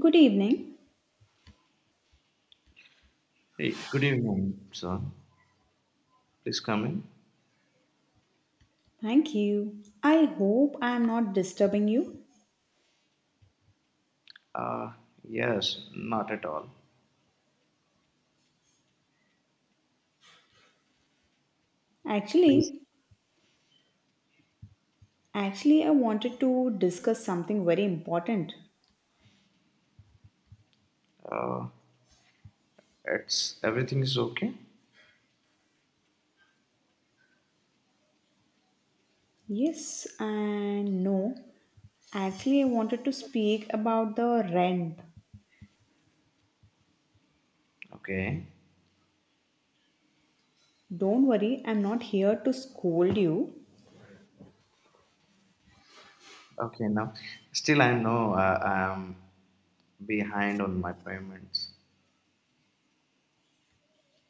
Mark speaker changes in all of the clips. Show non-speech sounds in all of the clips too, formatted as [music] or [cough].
Speaker 1: Good evening.
Speaker 2: Hey, good evening, sir. Please come in.
Speaker 1: Thank you. I hope I am not disturbing you.
Speaker 2: Uh, yes, not at all. Please.
Speaker 1: Actually, actually, I wanted to discuss something very important.
Speaker 2: Uh, it's Everything is okay.
Speaker 1: Yes and no. Actually, I wanted to speak about the rent.
Speaker 2: Okay.
Speaker 1: Don't worry, I'm not here to scold you.
Speaker 2: Okay. Now, still, I know I'm behind on my payments.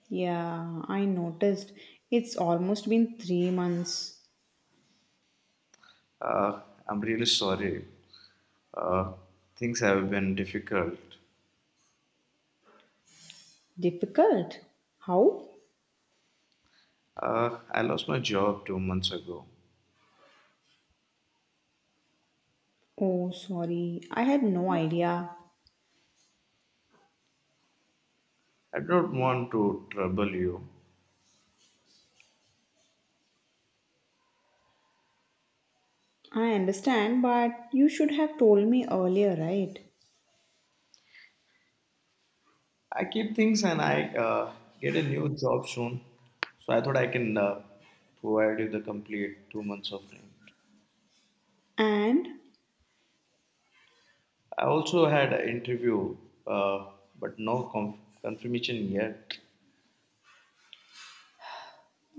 Speaker 1: Yeah, I noticed it's almost been 3 months.
Speaker 2: Uh, I'm really sorry. Uh, Things have been difficult.
Speaker 1: Difficult. How?
Speaker 2: I lost my job 2 months ago.
Speaker 1: Oh, sorry. I had no idea.
Speaker 2: I don't want to trouble you.
Speaker 1: I understand, but you should have told me earlier, right?
Speaker 2: I keep things and I get a new job soon. So I thought I can provide you the complete 2 months of time.
Speaker 1: And
Speaker 2: I also had an interview, uh, but no confirmation yet.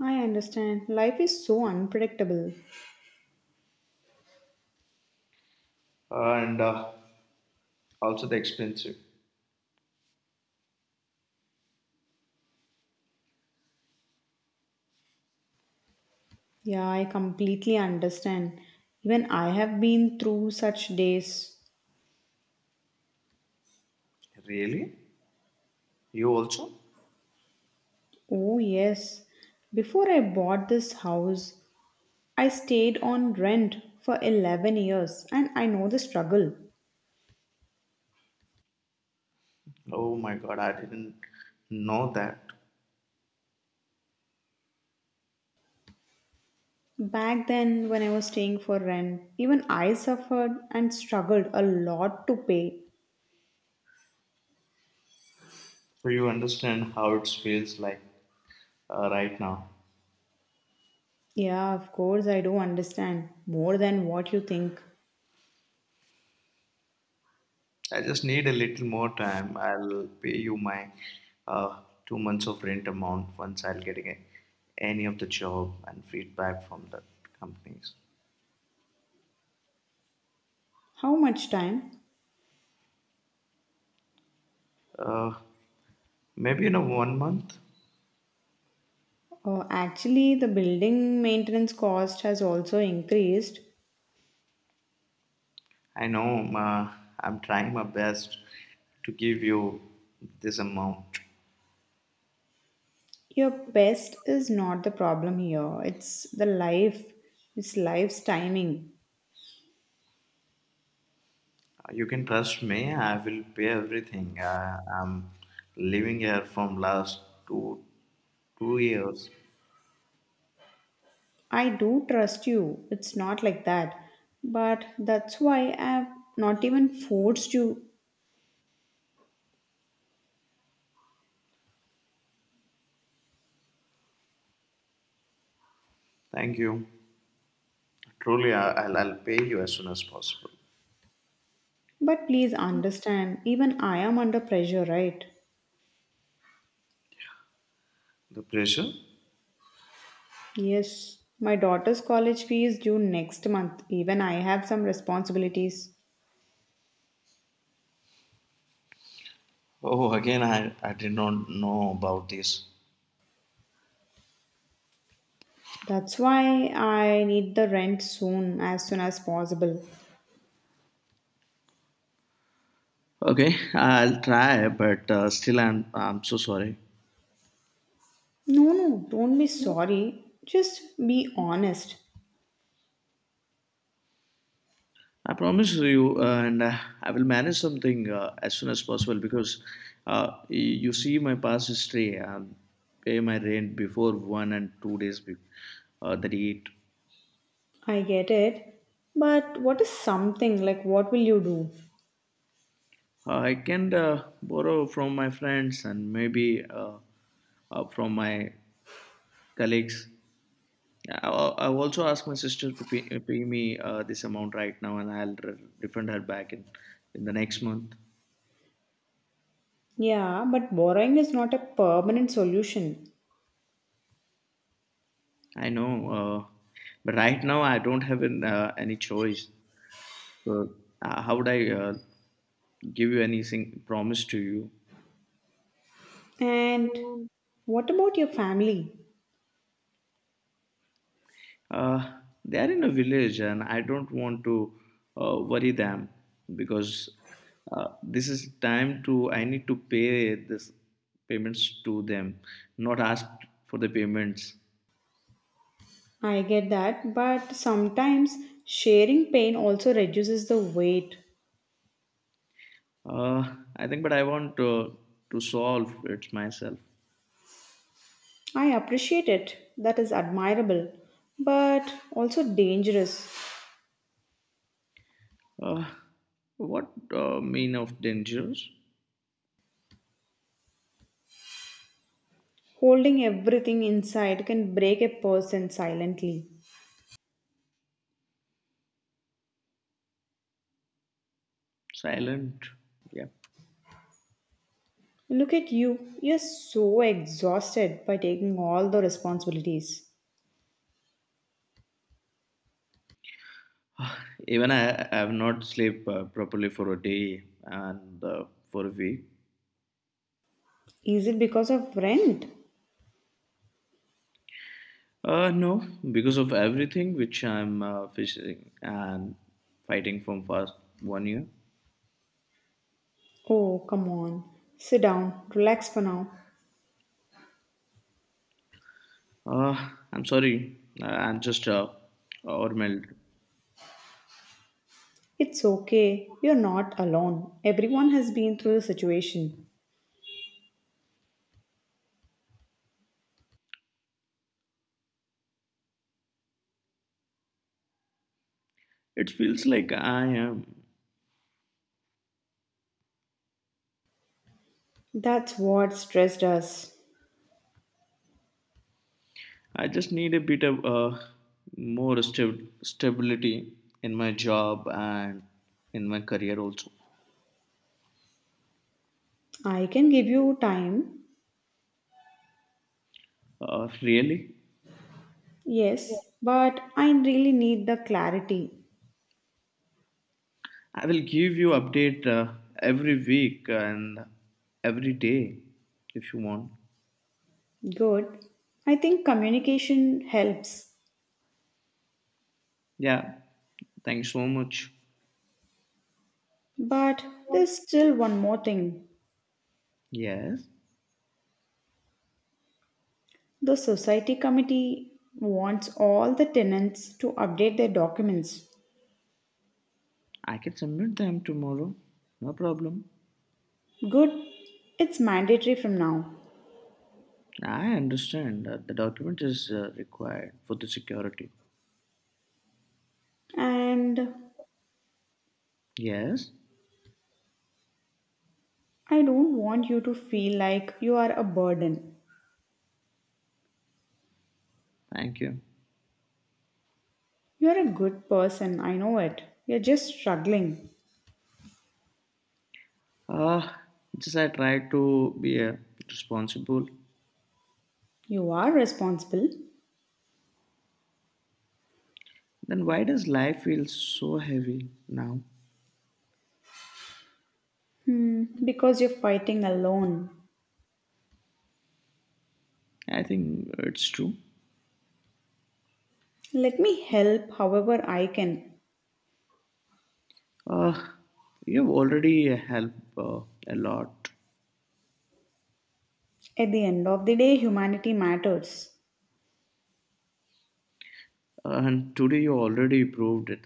Speaker 1: I understand. Life is so unpredictable.
Speaker 2: And also the expensive.
Speaker 1: Yeah, I completely understand. Even I have been through such days.
Speaker 2: Really? You also?
Speaker 1: Oh, yes. Before I bought this house, I stayed on rent for 11 years and I know the struggle.
Speaker 2: Oh my god, I didn't know that.
Speaker 1: Back then, when I was staying for rent, even I suffered and struggled a lot to pay.
Speaker 2: So you understand how it feels like right now.
Speaker 1: Yeah, of course, I do understand more than what you think.
Speaker 2: I just need a little more time. I'll pay you my 2 months of rent amount once I'll getting a, any of the job and feedback from the companies.
Speaker 1: How much time?
Speaker 2: Uh, Maybe in a 1 month.
Speaker 1: Oh, actually, the building maintenance cost has also increased.
Speaker 2: I know, I'm trying my best to give you this amount.
Speaker 1: Your pest is not the problem here, it's the life, it's life's timing.
Speaker 2: You can trust me. I will pay everything. I'm living here from last two two years.
Speaker 1: I do trust you, it's not like that. But that's why I've not even forced you.
Speaker 2: Thank you. Truly, I'll pay you as soon as possible.
Speaker 1: But please understand, even I am under pressure, right?
Speaker 2: The pressure?
Speaker 1: Yes, my daughter's college fee is due next month. Even I have some responsibilities.
Speaker 2: Oh, again, I did not know about this.
Speaker 1: That's why I need the rent soon as possible.
Speaker 2: Okay, I'll try, but still, I'm so sorry.
Speaker 1: No, no, don't be sorry. Just be honest.
Speaker 2: I promise you, and I will manage something as soon as possible because uh, y- you see my past history. I pay my rent before 1 and 2 days the date.
Speaker 1: I get it. But what is something like what will you do?
Speaker 2: I can borrow from my friends and maybe from my colleagues. Yeah, I'll also ask my sister to pay, pay me this amount right now, and I'll refund her back in the next month.
Speaker 1: Yeah, but borrowing is not a permanent solution.
Speaker 2: I know, but right now I don't have any choice. So how would I give you anything promise to you?
Speaker 1: And what about your family?
Speaker 2: Uh, they are in a village, and I don't want to worry them because this is time to. I need to pay this payments to them, not ask for the payments.
Speaker 1: I get that, but sometimes sharing pain also reduces the weight.
Speaker 2: I think, but I want to solve it myself.
Speaker 1: I appreciate it. That is admirable, but also dangerous.
Speaker 2: Uh, what mean of dangers?
Speaker 1: Holding everything inside can break a person silently.
Speaker 2: Silent. Yeah.
Speaker 1: Look at you. You're so exhausted by taking all the responsibilities.
Speaker 2: Even I have not slept properly for a day and for a week.
Speaker 1: Is it because of rent?
Speaker 2: No, because of everything which I'm facing and fighting from past 1 year.
Speaker 1: Oh, come on. Sit down. Relax for now.
Speaker 2: I'm sorry. I'm just overwhelmed.
Speaker 1: It's okay. You're not alone. Everyone has been through the situation.
Speaker 2: It feels like I am.
Speaker 1: That's what stressed us.
Speaker 2: I just need a bit of more stability in my job and in my career also.
Speaker 1: I can give you time.
Speaker 2: Really,
Speaker 1: Yes, but I really need the clarity.
Speaker 2: I will give you update every week and every day if you want.
Speaker 1: Good. I think communication helps.
Speaker 2: Yeah, thanks so much.
Speaker 1: But there's still one more thing.
Speaker 2: Yes,
Speaker 1: The society committee wants all the tenants to update their documents.
Speaker 2: I can submit them tomorrow. No problem.
Speaker 1: Good. It's mandatory from now.
Speaker 2: I understand that the document is required for the security.
Speaker 1: And
Speaker 2: Yes,
Speaker 1: I don't want you to feel like you are a burden.
Speaker 2: thank you.
Speaker 1: You're a good person, I know it. You're just struggling.
Speaker 2: Ah, just I try to be responsible.
Speaker 1: You are responsible.
Speaker 2: Then why does life feel so heavy now?
Speaker 1: Hmm, because you're fighting alone.
Speaker 2: I think it's true.
Speaker 1: Let me help however I can.
Speaker 2: Uh, you've already helped a lot.
Speaker 1: At the end of the day, humanity matters.
Speaker 2: Ah, and today you already proved it.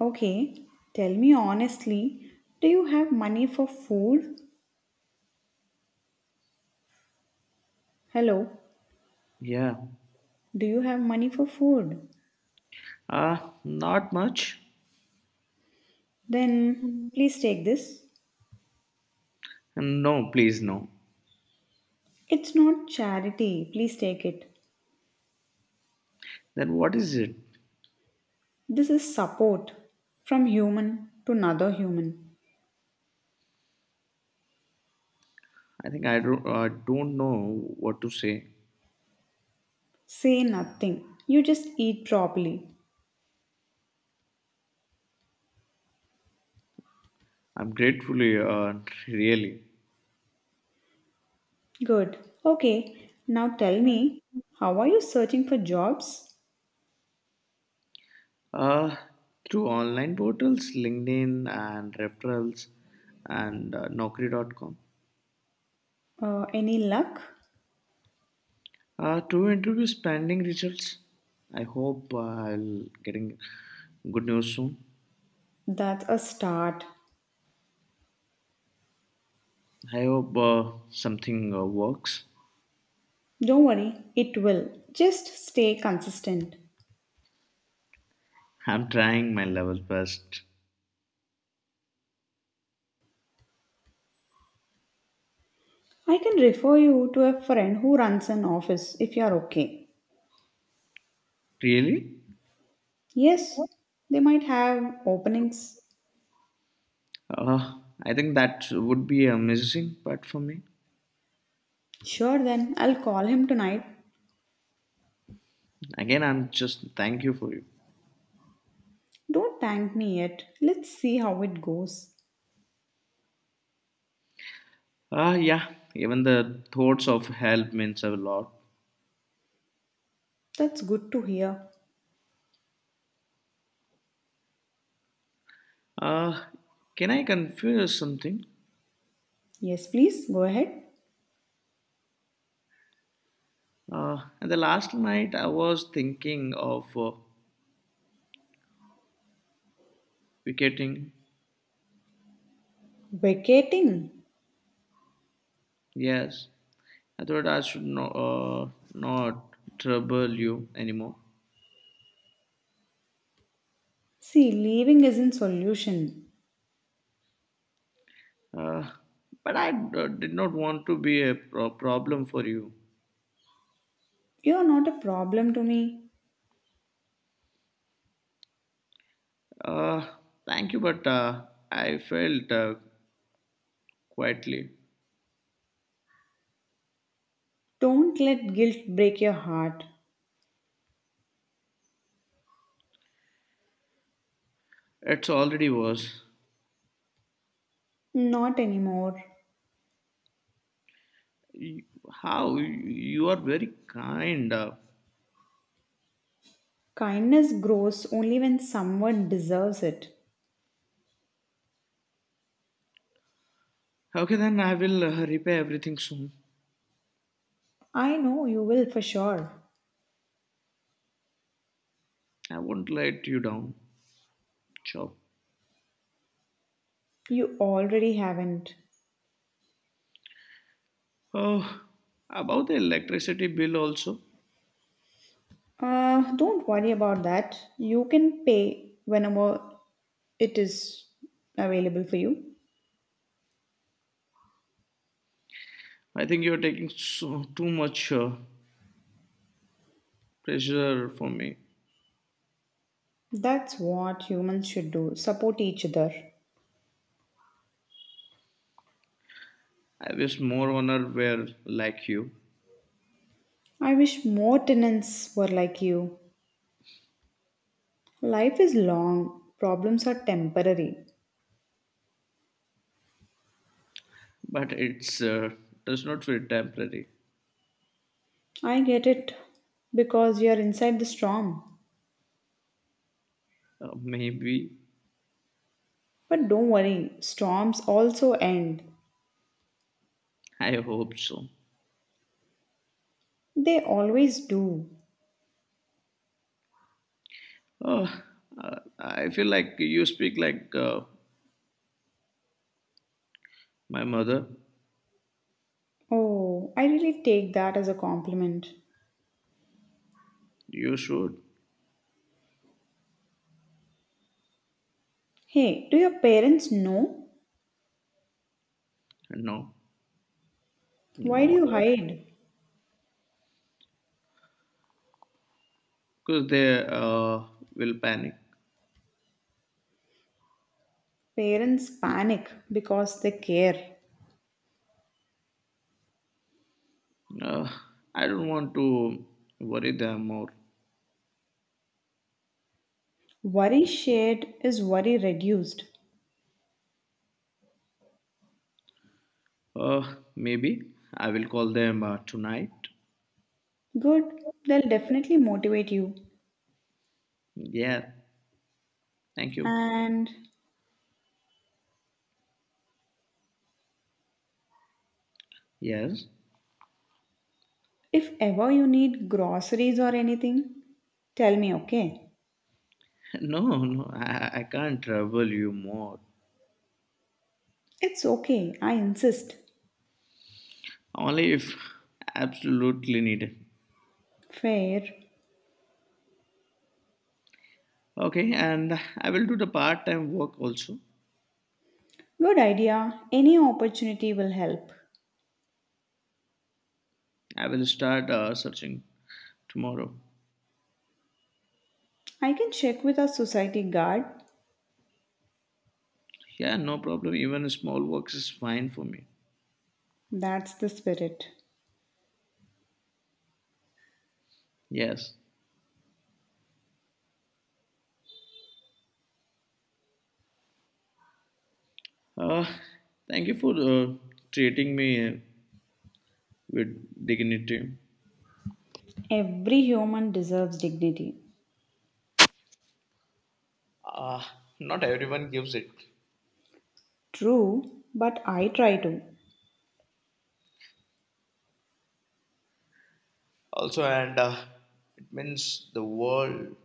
Speaker 1: Okay, tell me honestly, do you have money for food? Hello,
Speaker 2: Yeah.
Speaker 1: do you have money for food?
Speaker 2: Uh, Not much.
Speaker 1: Then please take this.
Speaker 2: And no, please no.
Speaker 1: It's not charity, please take it.
Speaker 2: Then what is it?
Speaker 1: This is support from human to another human.
Speaker 2: I think I don't. I don't know what to say.
Speaker 1: Say nothing, you just eat properly.
Speaker 2: I'm grateful. Really.
Speaker 1: Good. Okay, now tell me, how are you searching for jobs?
Speaker 2: Uh, Through online portals, LinkedIn and referrals and Naukri.com.
Speaker 1: Any luck?
Speaker 2: To interview pending results. I hope I'll getting good news soon.
Speaker 1: That's a start.
Speaker 2: I hope something works.
Speaker 1: Don't worry, it will. Just stay consistent.
Speaker 2: I'm trying my level best.
Speaker 1: I can refer you to a friend who runs an office if you're okay.
Speaker 2: Really?
Speaker 1: Yes, they might have openings.
Speaker 2: Uh, I think that would be amazing part for me.
Speaker 1: Sure, then I'll call him tonight.
Speaker 2: Again, I'm just thank you for you.
Speaker 1: Don't thank me yet. Let's see how it goes.
Speaker 2: Ah, yeah. Even the thoughts of help means a lot.
Speaker 1: That's good to hear.
Speaker 2: Uh, can I confuse something?
Speaker 1: Yes, please go ahead.
Speaker 2: And the last night I was thinking of picketing.
Speaker 1: Vacating.
Speaker 2: Yes, I thought I should not trouble you anymore.
Speaker 1: See, leaving isn't solution.
Speaker 2: Uh, but I did not want to be a problem for you.
Speaker 1: You're not a problem to me.
Speaker 2: Uh, Thank you, but I felt quietly.
Speaker 1: Don't let guilt break your heart.
Speaker 2: It's already was.
Speaker 1: Not anymore.
Speaker 2: How you are very kind.
Speaker 1: Kindness grows only when someone deserves it.
Speaker 2: Okay, then I will repay everything soon.
Speaker 1: I know you will for sure.
Speaker 2: I won't let you down, Chop.
Speaker 1: You already haven't.
Speaker 2: Oh, about the electricity bill also.
Speaker 1: Don't worry about that. You can pay whenever it is available for you.
Speaker 2: I think you're taking so, too much pressure for me.
Speaker 1: That's what humans should do, support each other.
Speaker 2: I wish more honor were like you,
Speaker 1: I wish more tenants were like you. Life is long, problems are temporary.
Speaker 2: but it's does not feel temporary.
Speaker 1: I get it because you are inside the storm.
Speaker 2: Maybe
Speaker 1: But don't worry, storms also end.
Speaker 2: I hope so.
Speaker 1: They always do.
Speaker 2: Oh, I feel like you speak like my mother.
Speaker 1: Oh, I really take that as a compliment.
Speaker 2: You should.
Speaker 1: Hey, do your parents know?
Speaker 2: No,
Speaker 1: Why do
Speaker 2: no,
Speaker 1: you hide?
Speaker 2: because they will panic.
Speaker 1: Parents panic because they care.
Speaker 2: Uh, I don't want to worry them or
Speaker 1: Worry shared is worry reduced.
Speaker 2: maybe I will call them tonight.
Speaker 1: Good, they'll definitely motivate you.
Speaker 2: Yeah, thank you.
Speaker 1: And
Speaker 2: Yes. [laughs]
Speaker 1: if ever you need groceries or anything, tell me, okay?
Speaker 2: No, no, I can't trouble you more.
Speaker 1: It's okay, I insist.
Speaker 2: Only if absolutely needed.
Speaker 1: Fair.
Speaker 2: Okay, and I will do the part time work also.
Speaker 1: Good idea. Any opportunity will help.
Speaker 2: I will start searching tomorrow.
Speaker 1: I can check with our society guard.
Speaker 2: Yeah, no problem. Even small works is fine for me.
Speaker 1: That's the spirit.
Speaker 2: Yes. Uh, Thank you for treating me with dignity.
Speaker 1: Every human deserves dignity.
Speaker 2: uh, Not everyone gives it
Speaker 1: True, but I try to.
Speaker 2: also and it means the world.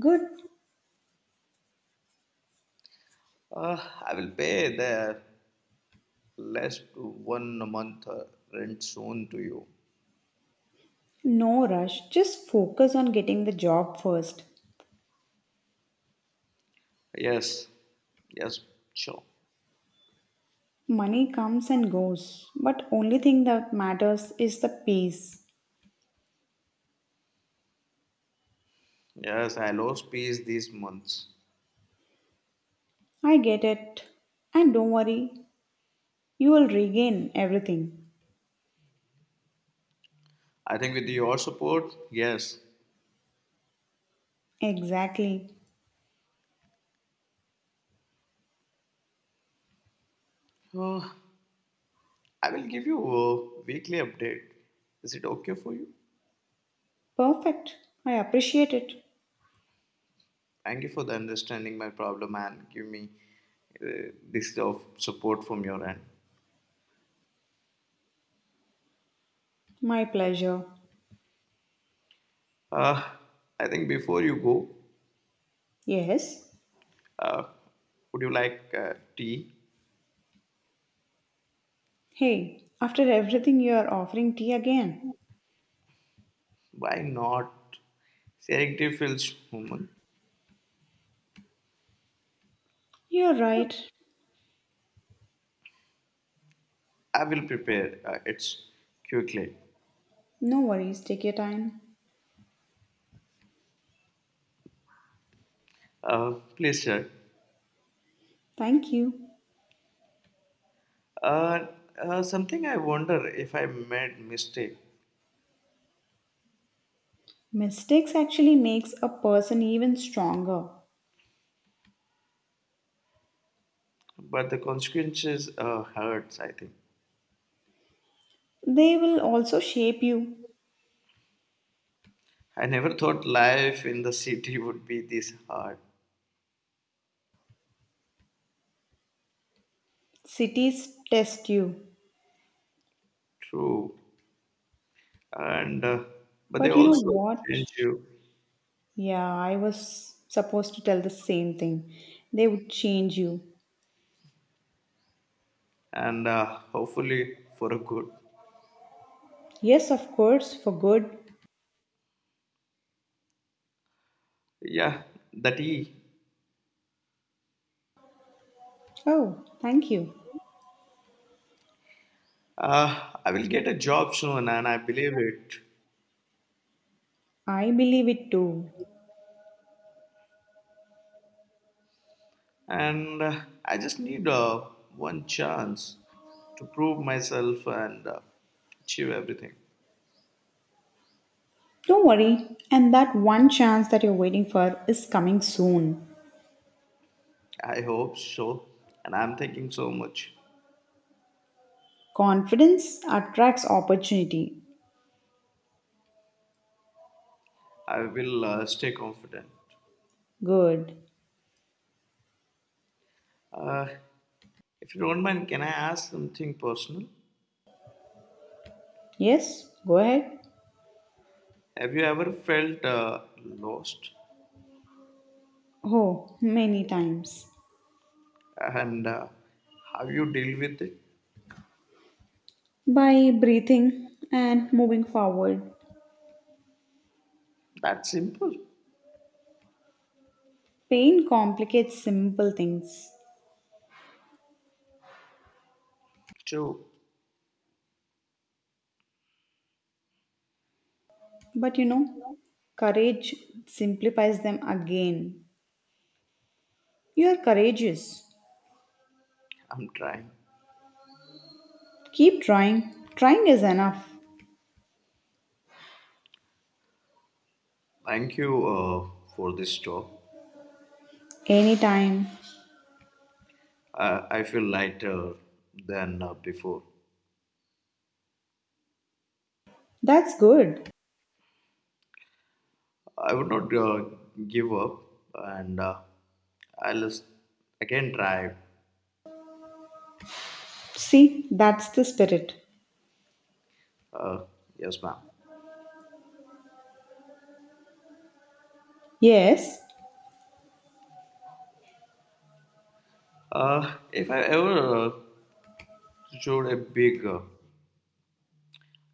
Speaker 1: Good.
Speaker 2: uh, I will pay their less to 1 month rent soon to you.
Speaker 1: No rush. Just focus on getting the job first.
Speaker 2: Yes, yes, sure.
Speaker 1: Money comes and goes, but only thing that matters is the peace.
Speaker 2: Yes, I lost peace these months.
Speaker 1: I get it. And don't worry, you will regain everything.
Speaker 2: I think with your support, yes.
Speaker 1: Exactly.
Speaker 2: Uh, I will give you a weekly update. Is it okay for you?
Speaker 1: Perfect. I appreciate it.
Speaker 2: Thank you for the understanding my problem and give me this of support from your end.
Speaker 1: My pleasure.
Speaker 2: Uh, I think before you go,
Speaker 1: Yes.
Speaker 2: uh, would you like tea?
Speaker 1: Hey, after everything, you are offering tea again.
Speaker 2: Why not? Sharing tea feels human.
Speaker 1: You're right.
Speaker 2: I will prepare it quickly.
Speaker 1: No worries, take your time.
Speaker 2: Please, sir.
Speaker 1: Thank you.
Speaker 2: Uh, Something I wonder if I made mistake,
Speaker 1: Mistakes actually makes a person even stronger.
Speaker 2: but the consequences hurts. I think
Speaker 1: They will also shape you.
Speaker 2: I never thought life in the city would be this hard.
Speaker 1: Cities test you.
Speaker 2: True, and but they
Speaker 1: But you know
Speaker 2: also
Speaker 1: what?
Speaker 2: [laughs] change you,
Speaker 1: Yeah, I was supposed to tell the same thing. They would change you.
Speaker 2: and hopefully for a good.
Speaker 1: Yes, of course, for good.
Speaker 2: Yeah, that E.
Speaker 1: Oh, thank you.
Speaker 2: I will get a job soon, and I believe it.
Speaker 1: I believe it too.
Speaker 2: And I just need one chance to prove myself and achieve everything.
Speaker 1: Don't worry, and that one chance that you're waiting for is coming soon.
Speaker 2: I hope so, and I'm thinking so much.
Speaker 1: Confidence attracts opportunity.
Speaker 2: I will stay confident.
Speaker 1: Good.
Speaker 2: Uh, if you don't mind, can I ask something personal?
Speaker 1: Yes, go ahead.
Speaker 2: Have you ever felt lost,
Speaker 1: Oh, many times.
Speaker 2: and how you deal with it?
Speaker 1: By breathing and moving forward,
Speaker 2: That's simple.
Speaker 1: pain complicates simple things.
Speaker 2: So
Speaker 1: But you know, courage simplifies them again. You are courageous.
Speaker 2: I'm trying.
Speaker 1: Keep trying. Trying is enough.
Speaker 2: Thank you for this talk.
Speaker 1: Anytime.
Speaker 2: I feel lighter than before.
Speaker 1: That's good.
Speaker 2: I would not give up and I'll s- again try.
Speaker 1: See, that's the spirit.
Speaker 2: Uh, yes, ma'am.
Speaker 1: Yes,
Speaker 2: If I ever showed a big,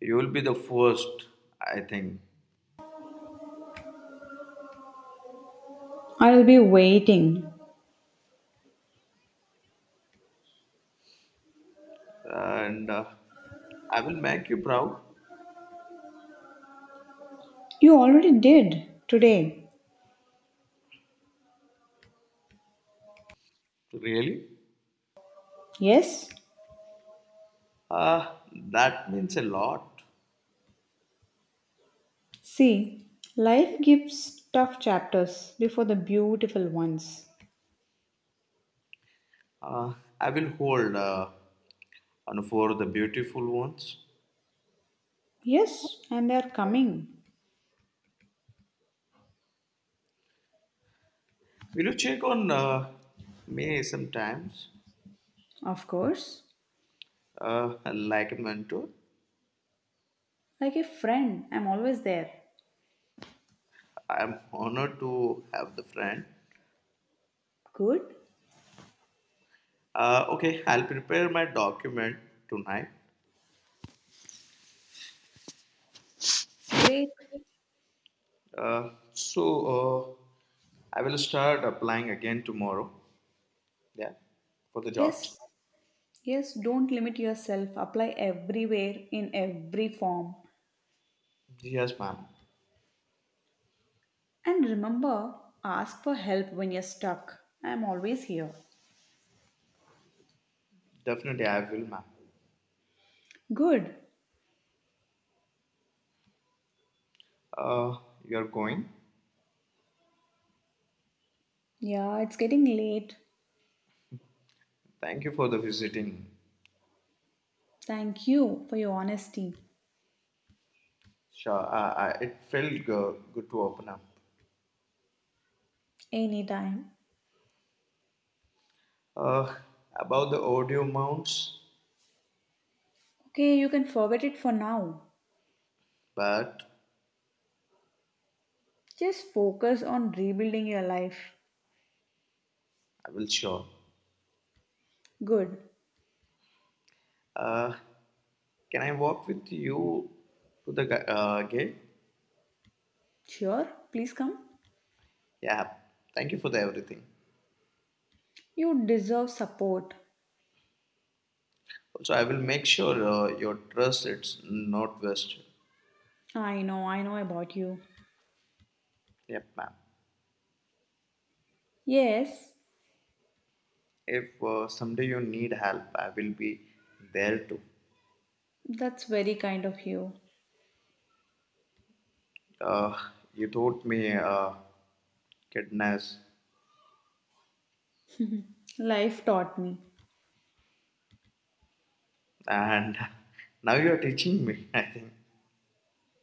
Speaker 2: you will be the first, I think.
Speaker 1: I'll be waiting.
Speaker 2: And I will make you proud,
Speaker 1: You already did today.
Speaker 2: really.
Speaker 1: Yes?
Speaker 2: Uh, that means a lot.
Speaker 1: See, life gives tough chapters before the beautiful ones.
Speaker 2: Uh, I will hold on for the beautiful ones.
Speaker 1: Yes, and they're coming.
Speaker 2: Will you check on me sometimes,
Speaker 1: Of course.
Speaker 2: like a mentor?
Speaker 1: Like a friend, I'm always there.
Speaker 2: I am honored to have the friend.
Speaker 1: Good?
Speaker 2: Okay, I'll prepare my document tonight.
Speaker 1: Great.
Speaker 2: So uh, I will start applying again tomorrow. Yeah, for the jobs.
Speaker 1: Yes. Yes, don't limit yourself. Apply everywhere in every form.
Speaker 2: Yes, ma'am.
Speaker 1: And remember, ask for help when you're stuck. I'm always here.
Speaker 2: Definitely, I will, ma'am.
Speaker 1: Good.
Speaker 2: Uh, you're going.
Speaker 1: Yeah, it's getting late.
Speaker 2: Thank you for the visiting.
Speaker 1: Thank you for your honesty.
Speaker 2: Sure, it felt good to open up.
Speaker 1: Anytime.
Speaker 2: Uh, about the audio mounts,
Speaker 1: Okay, you can forget it for now.
Speaker 2: but
Speaker 1: Just focus on rebuilding your life.
Speaker 2: I will sure.
Speaker 1: Good.
Speaker 2: Uh, can I walk with you to the gate?
Speaker 1: Sure, please come.
Speaker 2: Yeah. Thank you for the everything.
Speaker 1: You deserve support.
Speaker 2: Also, I will make sure your trust it's not wasted.
Speaker 1: I know about you.
Speaker 2: Yep, ma'am.
Speaker 1: Yes,
Speaker 2: If someday you need help, I will be there too.
Speaker 1: that's very kind of you.
Speaker 2: Uh, you taught me goodness,
Speaker 1: Life taught me.
Speaker 2: and [laughs] now you are teaching me. I think.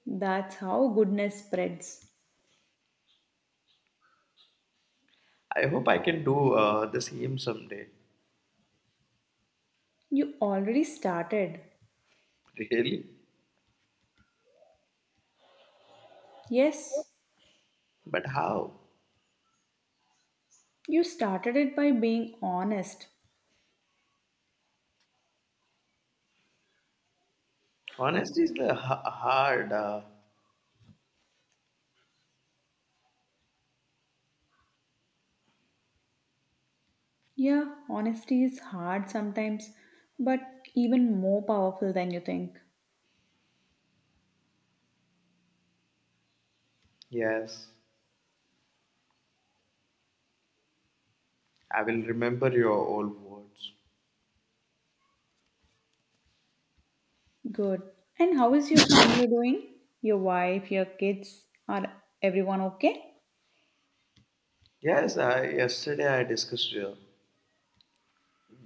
Speaker 1: That's how goodness spreads.
Speaker 2: I hope I can do the same someday.
Speaker 1: You already started.
Speaker 2: Really,
Speaker 1: Yes,
Speaker 2: but how?
Speaker 1: you started it by being honest.
Speaker 2: Honesty is the hard.
Speaker 1: Yeah, honesty is hard sometimes, but even more powerful than you think.
Speaker 2: Yes, I will remember your old words.
Speaker 1: Good. And how is your family doing? Your wife, your kids, are everyone okay?
Speaker 2: Yes, yesterday I discussed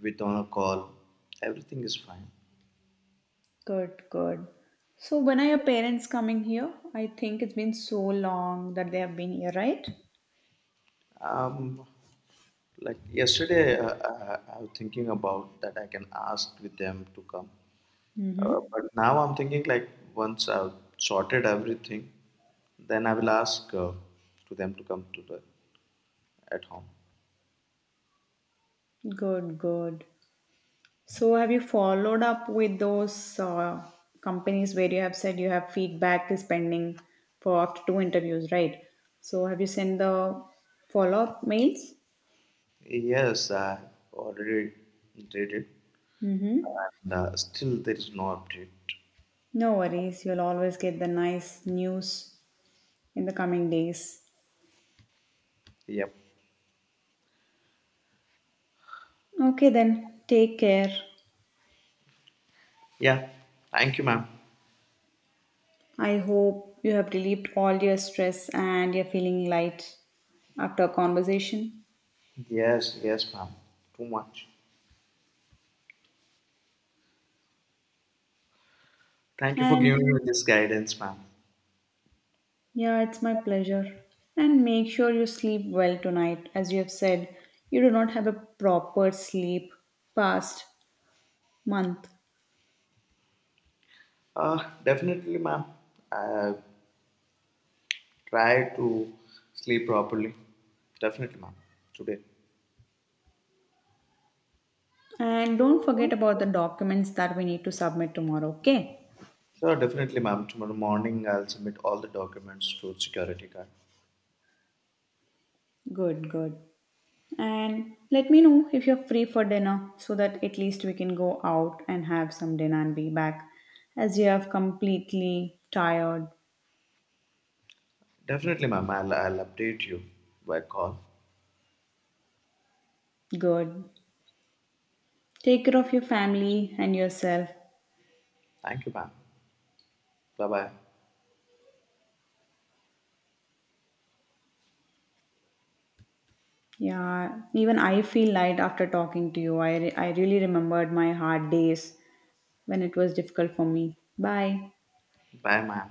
Speaker 2: with on a call. Everything is fine.
Speaker 1: Good, good. So, when are your parents coming here? I think it's been so long that they have been here, right?
Speaker 2: Um, like yesterday, I was thinking about that I can ask with them to come.
Speaker 1: Mm-hmm.
Speaker 2: But now I'm thinking like once I've sorted everything, then I will ask to them to come to the at home.
Speaker 1: Good, good. So, have you followed up with those companies where you have said you have feedback is pending for after two interviews, right? So, have you sent the follow up mails?
Speaker 2: Yes, I already did it,
Speaker 1: Mm-hmm.
Speaker 2: and still there is no update.
Speaker 1: No worries, you'll always get the nice news in the coming days.
Speaker 2: Yep.
Speaker 1: Okay, then take care.
Speaker 2: Yeah. Thank you, ma'am.
Speaker 1: I hope you have relieved all your stress and you're feeling light after our conversation.
Speaker 2: Yes, yes, ma'am. Too much. Thank you for
Speaker 1: And
Speaker 2: giving me this guidance, ma'am.
Speaker 1: yeah, it's my pleasure. And make sure you sleep well tonight. As you have said, you do not have a proper sleep past month.
Speaker 2: Definitely, ma'am. I try to sleep properly. Definitely, ma'am. Today.
Speaker 1: And don't forget about the documents that we need to submit tomorrow, okay?
Speaker 2: Sure, definitely, ma'am. Tomorrow morning, I'll submit all the documents to security guard.
Speaker 1: Good, good. And let me know if you're free for dinner so that at least we can go out and have some dinner and be back as you have completely tired.
Speaker 2: Definitely, ma'am. I'll update you by call.
Speaker 1: Good. Take care of your family and yourself.
Speaker 2: Thank you, ma'am. Bye bye.
Speaker 1: Yeah, even I feel light after talking to you. I really remembered my hard days when it was difficult for me. Bye.
Speaker 2: Bye, ma'am.